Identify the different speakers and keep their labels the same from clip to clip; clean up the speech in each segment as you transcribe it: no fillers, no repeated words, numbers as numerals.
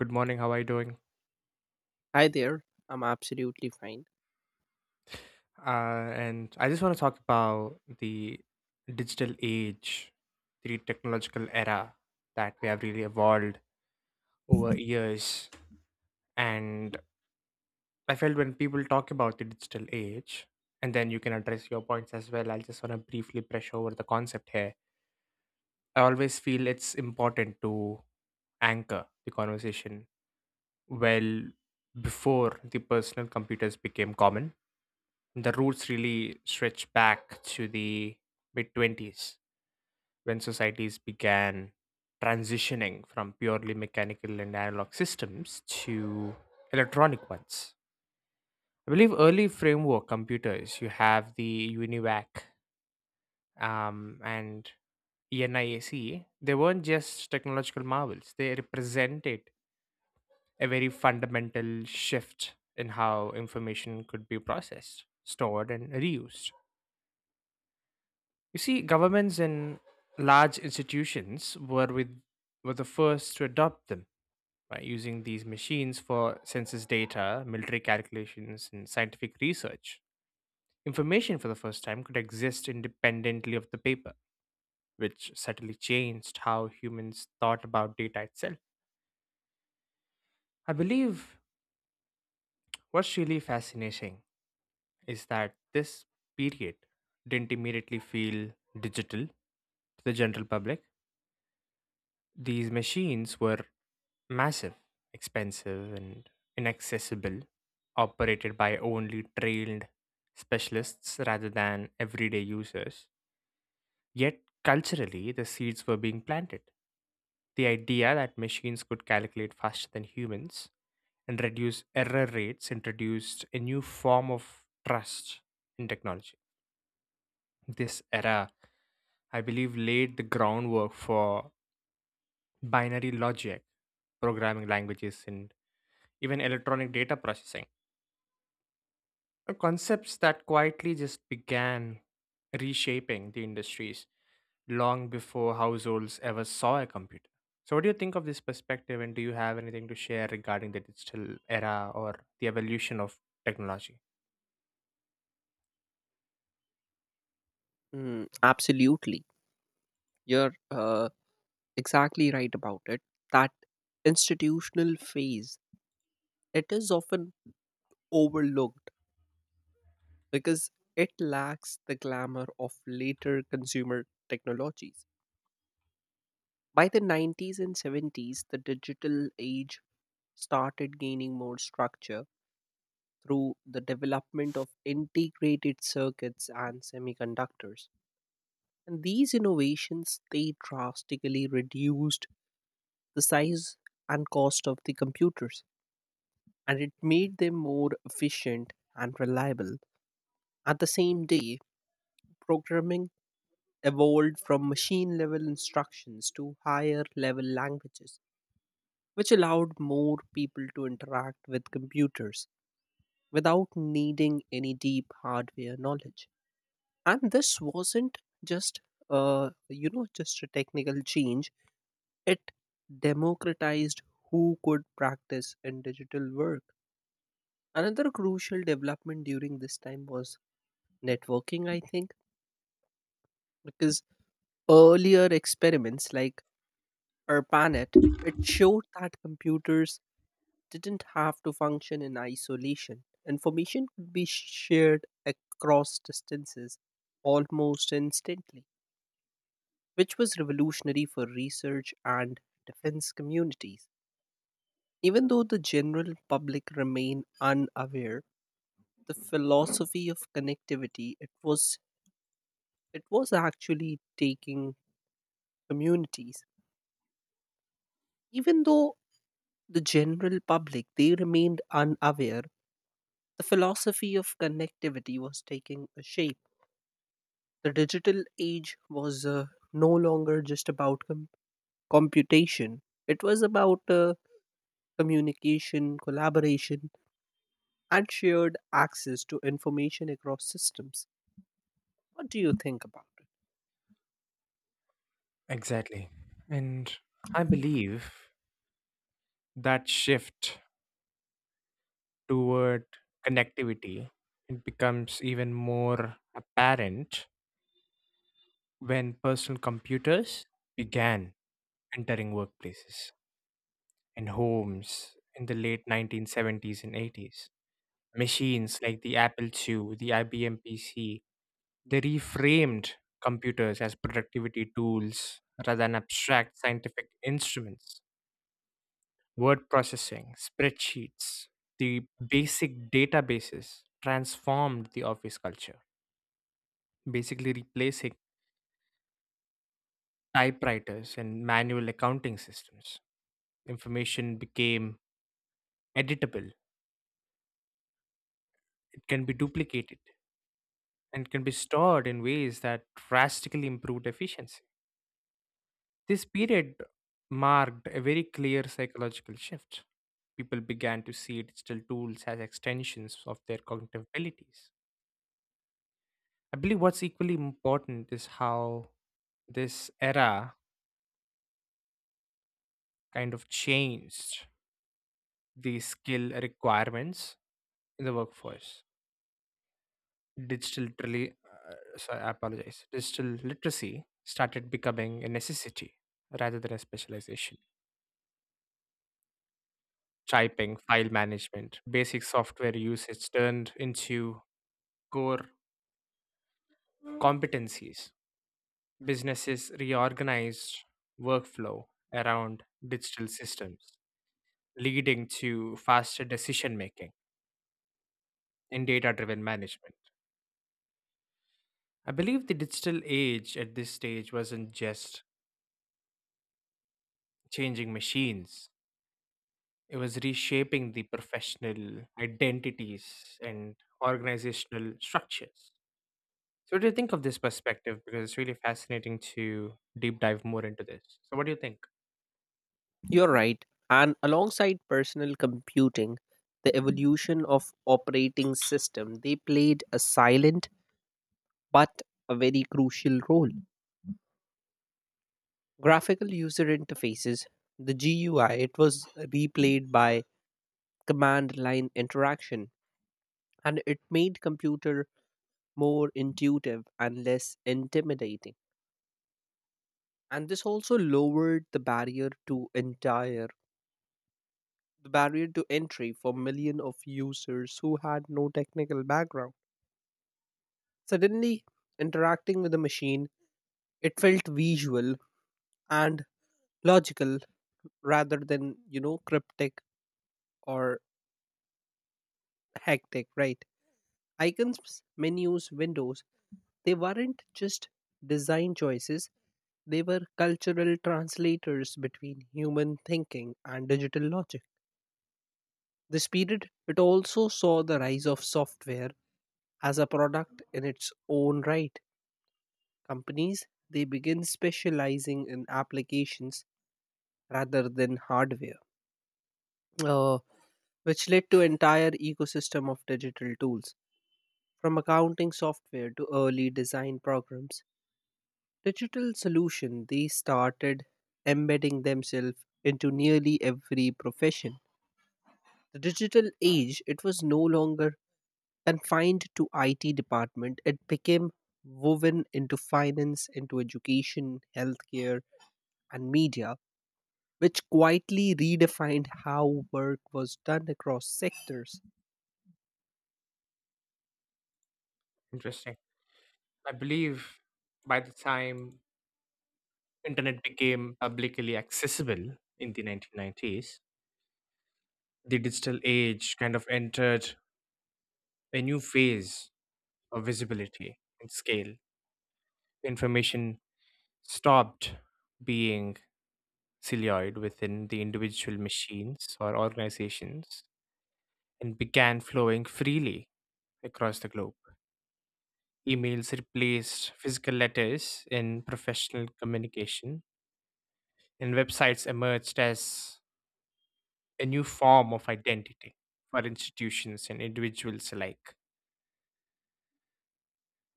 Speaker 1: Good morning. How are you doing?
Speaker 2: Hi there. I'm absolutely fine.
Speaker 1: And I just want to talk about the digital age, the technological era that we have really evolved over years. And I felt when people talk about the digital age, and then you can address your points as well. I just want to briefly brush over the concept here. I always feel it's important to anchor the conversation well before the personal computers became common. The roots really stretch back to the mid mid-twenties when societies began transitioning from purely mechanical and analog systems to electronic ones. I believe early framework computers, you have the UNIVAC and ENIAC. They weren't just technological marvels, they represented a very fundamental shift in how information could be processed, stored, and reused. You see, governments and large institutions were the first to adopt them by using these machines for census data, military calculations, and scientific research. Information for the first time could exist independently of the paper, which subtly changed how humans thought about data itself. I believe what's really fascinating is that this period didn't immediately feel digital to the general public. These machines were massive, expensive, and inaccessible, operated by only trained specialists rather than everyday users. Yet, culturally, the seeds were being planted. The idea that machines could calculate faster than humans and reduce error rates introduced a new form of trust in technology. This era, I believe, laid the groundwork for binary logic, programming languages, and even electronic data processing, concepts that quietly just began reshaping the industries long before households ever saw a computer. So, what do you think of this perspective, and do you have anything to share regarding the digital era or the evolution of technology?
Speaker 2: Mm, absolutely. You're exactly right about it. That institutional phase, it is often overlooked because it lacks the glamour of later consumer technologies. By the 90s and 70s, the digital age started gaining more structure through the development of integrated circuits and semiconductors. And these innovations, they drastically reduced the size and cost of the computers, and it made them more efficient and reliable. At the same day, programming evolved from machine level instructions to higher level languages, which allowed more people to interact with computers without needing any deep hardware knowledge. And this wasn't just just a technical change. It democratized who could practice in digital work. Another crucial development during this time was networking, I think, because earlier experiments like ARPANET, it showed that computers didn't have to function in isolation. Information could be shared across distances almost instantly, which was revolutionary for research and defense communities. Even though the general public remained unaware, the philosophy of connectivity it was, it was actually taking communities. Even though the general public they remained unaware, the philosophy of connectivity was taking a shape. The digital age was no longer just about computation. It was about communication, collaboration, and shared access to information across systems. What do you think about it?
Speaker 1: Exactly. And I believe that shift toward connectivity, it becomes even more apparent when personal computers began entering workplaces and homes in the late 1970s and 80s. Machines like the Apple II, the IBM PC, they reframed computers as productivity tools rather than abstract scientific instruments. Word processing, spreadsheets, the basic databases transformed the office culture, basically replacing typewriters and manual accounting systems. Information became editable, it can be duplicated, and can be stored in ways that drastically improved efficiency. This period marked a very clear psychological shift. People began to see digital tools as extensions of their cognitive abilities. I believe what's equally important is how this era kind of changed the skill requirements in the workforce. Digital, trili- I apologize. Digital literacy started becoming a necessity rather than a specialization. Typing, file management, basic software usage turned into core competencies. Businesses reorganized workflow around digital systems, leading to faster decision making and data driven management. I believe the digital age at this stage wasn't just changing machines, it was reshaping the professional identities and organizational structures. So, what do you think of this perspective? Because it's really fascinating to deep dive more into this. So, what do you think?
Speaker 2: You're right. And alongside personal computing, the evolution of operating system, they played a silent but a very crucial role. Graphical user interfaces, the GUI, it was replayed by command line interaction and it made computer more intuitive and less intimidating. And this also lowered the barrier to entire, the barrier to entry for million of users who had no technical background. Suddenly, interacting with a machine, it felt visual and logical rather than, you know, cryptic or hectic, right? Icons, menus, windows, they weren't just design choices, they were cultural translators between human thinking and digital logic. This period, it also saw the rise of software as a product in its own right. Companies, they begin specializing in applications rather than hardware, uh, which led to entire ecosystem of digital tools. From accounting software to early design programs, digital solution they started embedding themselves into nearly every profession. The digital age it was no longer confined to IT department; it became woven into finance, into education, healthcare, and media, which quietly redefined how work was done across sectors.
Speaker 1: Interesting. I believe by the time internet became publicly accessible in the 1990s, the digital age kind of entered a new phase of visibility and scale. Information stopped being siloed within the individual machines or organizations and began flowing freely across the globe. Emails replaced physical letters in professional communication, and websites emerged as a new form of identity for institutions and individuals alike.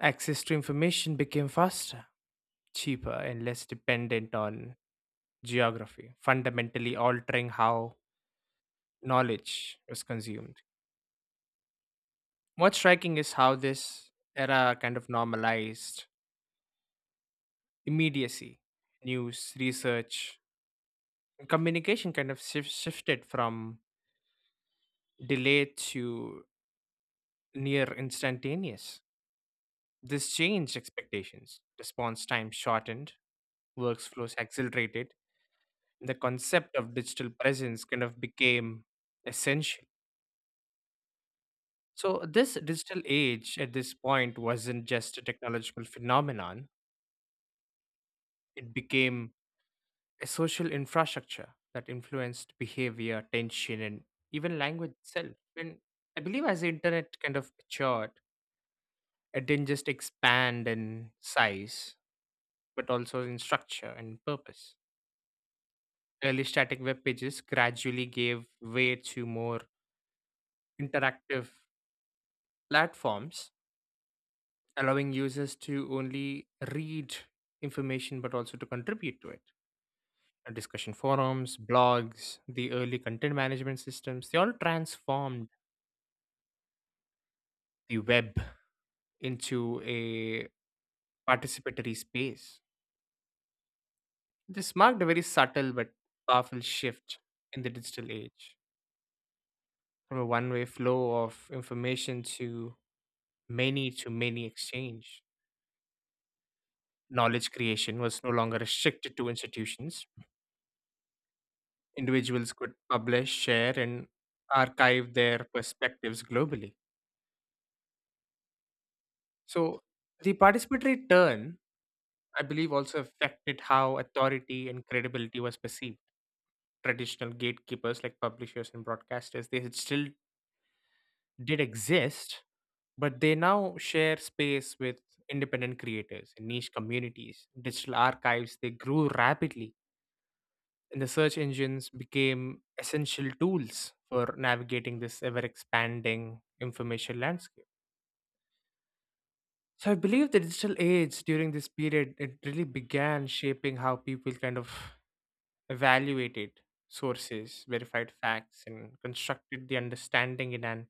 Speaker 1: Access to information became faster, cheaper, and less dependent on geography, fundamentally altering how knowledge was consumed. What's striking is how this era kind of normalized immediacy. News, research, and communication shifted from delay to near instantaneous. This changed expectations. Response time shortened, workflows accelerated, and the concept of digital presence kind of became essential. So, this digital age at this point wasn't just a technological phenomenon, it became a social infrastructure that influenced behavior, attention, and even language itself. And I believe as the internet kind of matured, it didn't just expand in size but also in structure and purpose. Early static web pages gradually gave way to more interactive platforms, allowing users to only read information but also to contribute to it. Discussion forums, blogs, the early content management systems, they all transformed the web into a participatory space. This marked a very subtle but powerful shift in the digital age from a one way flow of information to many exchange. Knowledge creation was no longer restricted to institutions. Individuals could publish, share, and archive their perspectives globally. So, the participatory turn, I believe, also affected how authority and credibility was perceived. Traditional gatekeepers like publishers and broadcasters, they had still did exist, but they now share space with independent creators and niche communities. Digital archives, they grew rapidly and the search engines became essential tools for navigating this ever expanding information landscape. So I believe the digital age during this period it really began shaping how people kind of evaluated sources, verified facts, and constructed the understanding in an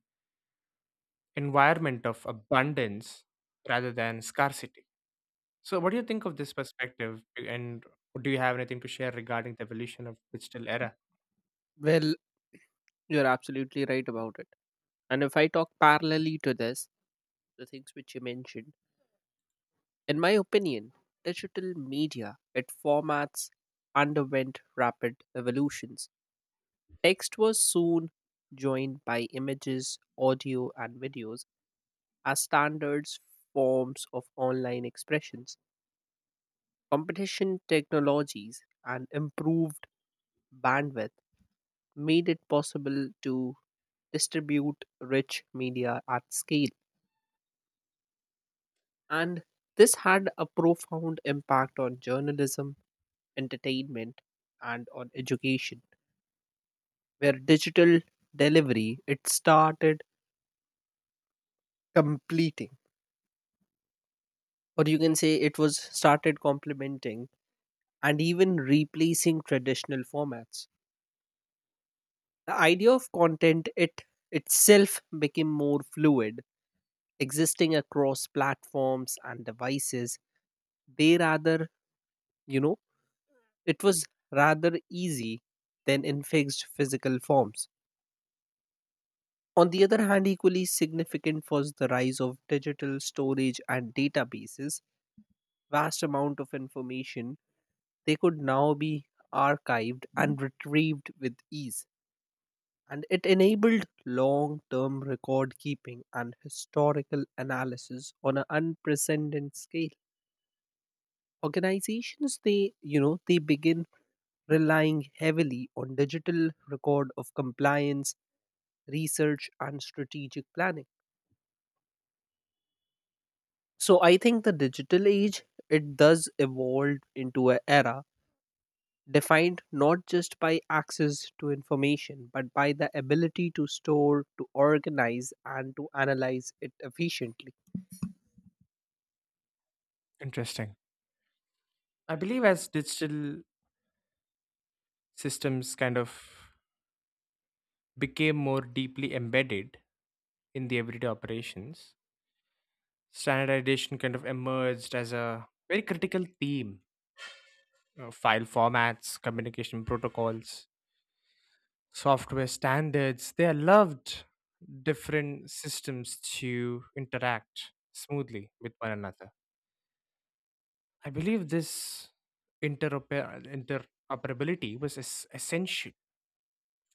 Speaker 1: environment of abundance rather than scarcity. So what do you think of this perspective and do you have anything to share regarding the evolution of digital era?
Speaker 2: Well, you're absolutely right about it. And if I talk parallelly to this, the things which you mentioned, in my opinion, digital media, it formats underwent rapid evolutions. Text was soon joined by images, audio, and videos as standards forms of online expressions. Competition technologies and improved bandwidth made it possible to distribute rich media at scale. And this had a profound impact on journalism, entertainment, and on education, where digital delivery it started completing, or you can say it was started complementing and even replacing traditional formats. The idea of content it itself became more fluid, existing across platforms and devices. They rather, you know, it was rather easy than in fixed physical forms. On the other hand, equally significant was the rise of digital storage and databases. Vast amount of information they could now be archived and retrieved with ease, and it enabled long-term record keeping and historical analysis on an unprecedented scale. Organizations they, you know, they begin relying heavily on digital record of compliance, research, and strategic planning. So I think the digital age it does evolve into an era defined not just by access to information but by the ability to store, to organize and to analyze it efficiently.
Speaker 1: Interesting. I believe as digital systems kind of became more deeply embedded in the everyday operations, standardization kind of emerged as a very critical theme. File formats, communication protocols, software standards, they allowed different systems to interact smoothly with one another. I believe this interoper- interoperability was essential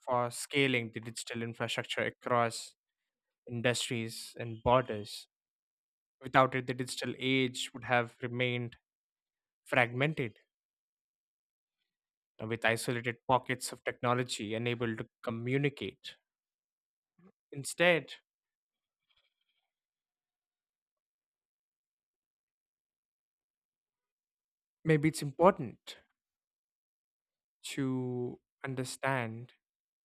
Speaker 1: for scaling the digital infrastructure across industries, and borders. Without it, the digital age would have remained fragmented, with isolated pockets of technology unable to communicate. Instead, maybe it's important to understand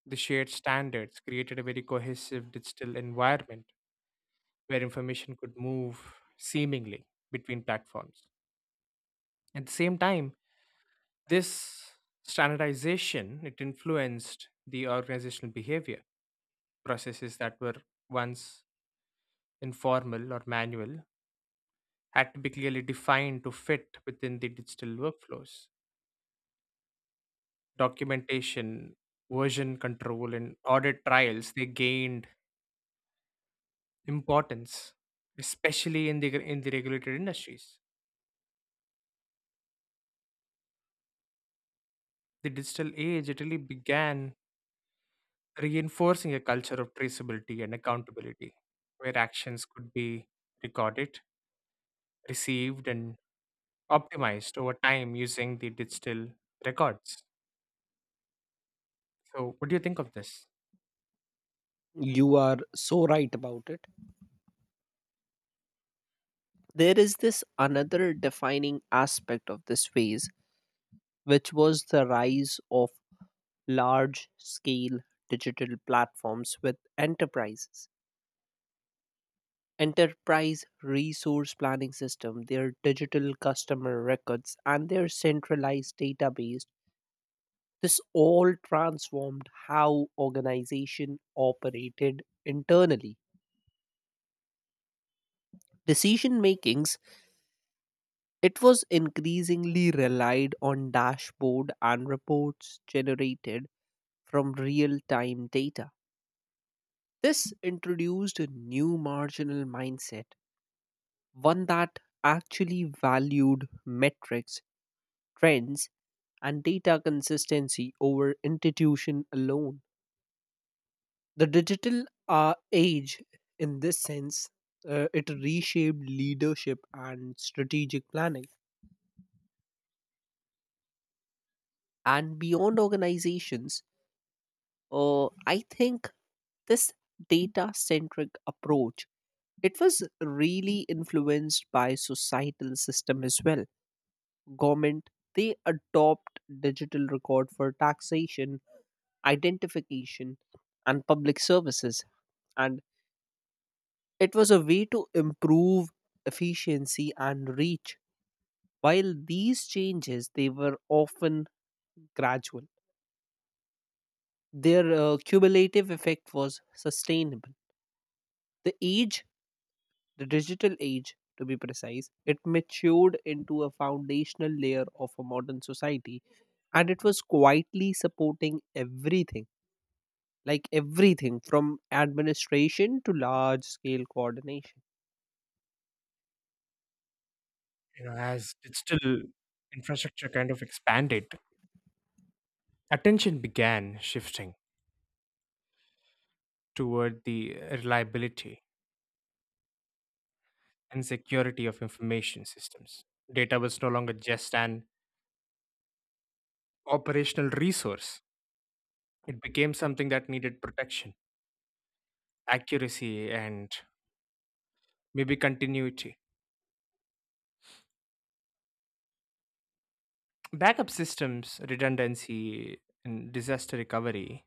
Speaker 1: the shared standards created a very cohesive digital environment where information could move seemingly between platforms. At the same time, this standardization it influenced the organizational behavior processes that were once informal or manual had to be clearly defined to fit within the digital workflows. Documentation, version control, and audit trials they gained importance, especially in the regulated industries. The digital age it really began reinforcing a culture of traceability and accountability, where actions could be recorded, received, and optimized over time using the digital records. So, what do you think of this?
Speaker 2: You are so right about it. There is this another defining aspect of this phase which was the rise of large scale digital platforms with enterprise resource planning system, their digital customer records, and their centralized database. This all transformed how organization operated internally. Decision makings, it was increasingly relied on dashboard and reports generated from real-time data. This introduced a new marginal mindset, one that actually valued metrics, trends, and data consistency over institution alone. The digital age, in this sense, it reshaped leadership and strategic planning. And beyond organizations, I think this data-centric approach it was really influenced by societal system as well. Government they adopt digital record for taxation, identification, and public services, and it was a way to improve efficiency and reach while these changes they were often gradual, their cumulative effect was sustainable. The age, the digital age to be precise, it matured into a foundational layer of a modern society, and it was quietly supporting everything like everything from administration to large scale coordination
Speaker 1: You know, as digital infrastructure kind of expanded, attention began shifting toward the reliability and security of information systems. Data was no longer just an operational resource, it became something that needed protection, accuracy, and maybe continuity. Backup systems, redundancy, and disaster recovery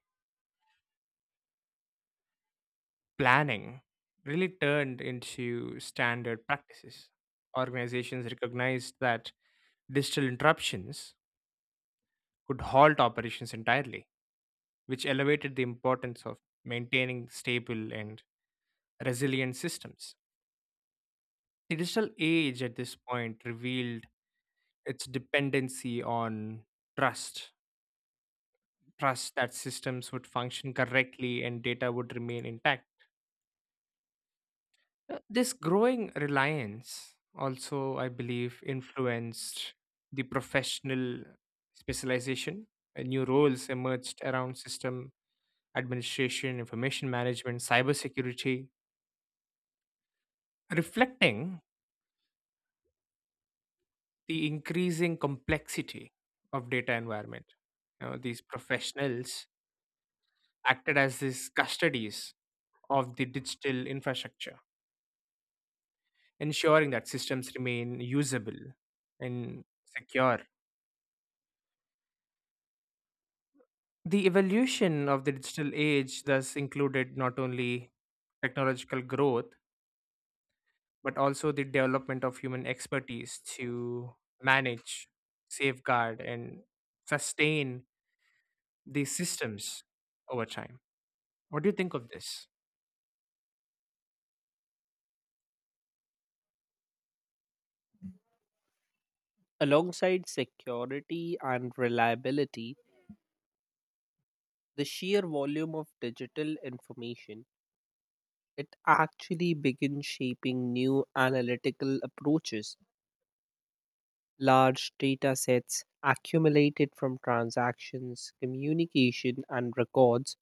Speaker 1: planning really turned into standard practices. Organizations recognized that digital interruptions could halt operations entirely, which elevated the importance of maintaining stable and resilient systems. The digital age at this point revealed its dependency on trust, trust that systems would function correctly and data would remain intact. This growing reliance also, I believe, influenced the professional specialization. New roles emerged around system administration, information management, cybersecurity, reflecting the increasing complexity of data environment. You know, these professionals acted as these custodies of the digital infrastructure, ensuring that systems remain usable and secure. The evolution of the digital age thus included not only technological growth, but also the development of human expertise to manage, safeguard, and sustain these systems over time. What do you think of this?
Speaker 2: alongside security and reliability. The sheer volume of digital information, it actually began shaping new analytical approaches. Large data sets accumulated from transactions, communication, and records,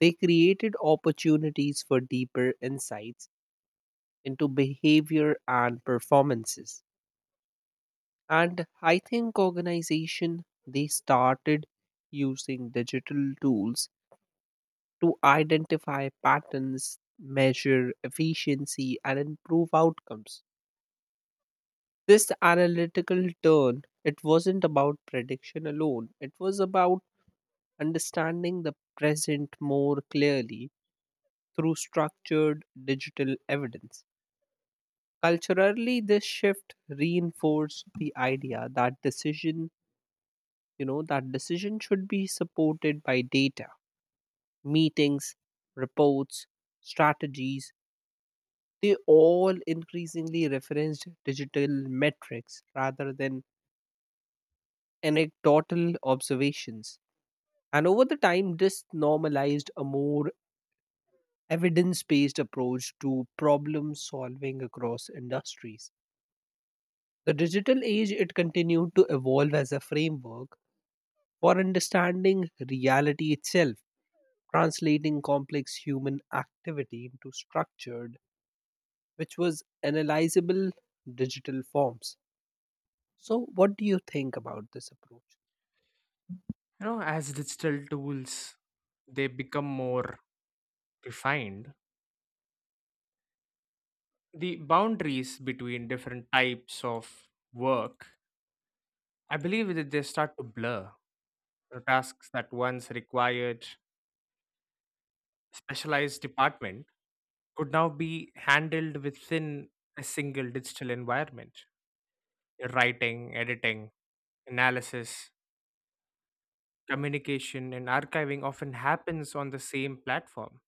Speaker 2: they created opportunities for deeper insights into behavior and performances. And I think organization they started using digital tools to identify patterns, measure efficiency, and improve outcomes. This analytical turn, it wasn't about prediction alone, it was about understanding the present more clearly through structured digital evidence. Culturally, this shift reinforced the idea that decision, you know, that decision should be supported by data, meetings, reports, strategies, they all increasingly referenced digital metrics rather than anecdotal observations. And over the time, this normalized a more evidence based approach to problem solving across industries. The digital age, it continued to evolve as a framework for understanding reality itself, translating complex human activity into structured, which was analyzable digital forms. So, what do you think about this approach?
Speaker 1: You know, as digital tools they become more refined, the boundaries between different types of work, I believe that they start to blur. The tasks that once required specialized department could now be handled within a single digital environment. Writing, editing, analysis, communication, and archiving often happens on the same platform.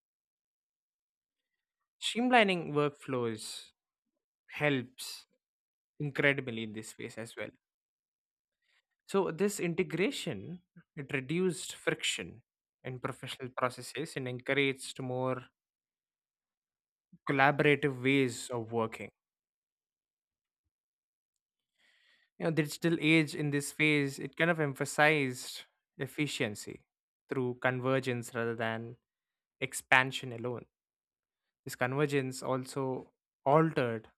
Speaker 1: Streamlining workflows helps incredibly in this space as well. So this integration it reduced friction in professional processes and encouraged more collaborative ways of working. You know, digital age in this phase it kind of emphasized efficiency through convergence rather than expansion alone. This convergence also altered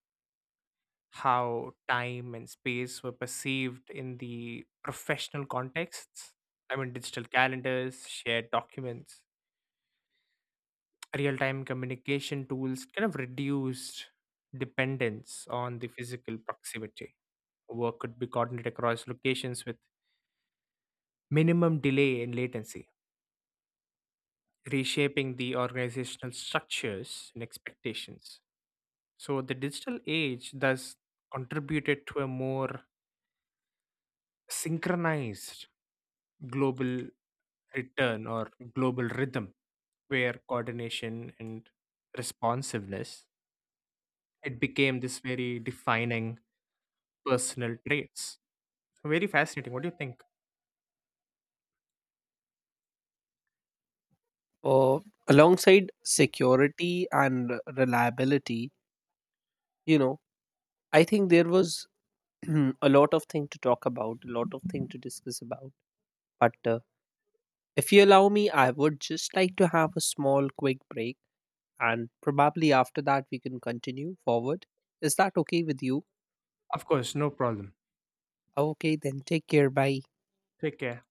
Speaker 1: how time and space were perceived in the professional contexts. I mean digital calendars, shared documents, real time communication tools kind of reduced dependence on the physical proximity. Work could be coordinated across locations with minimum delay and latency, reshaping the organizational structures and expectations. So, the digital age thus contributed to a more synchronized global return or global rhythm where coordination and responsiveness it became this very defining personal traits. So very fascinating, what do you think?
Speaker 2: Uh, Alongside security and reliability, you know, I think there was a lot of thing to talk about, a lot of thing to discuss about. But if you allow me, I would just like to have a small, quick break, and probably after that we can continue forward. Is that okay with you?
Speaker 1: Of course, no problem.
Speaker 2: Okay, then take care. Bye.
Speaker 1: Take care.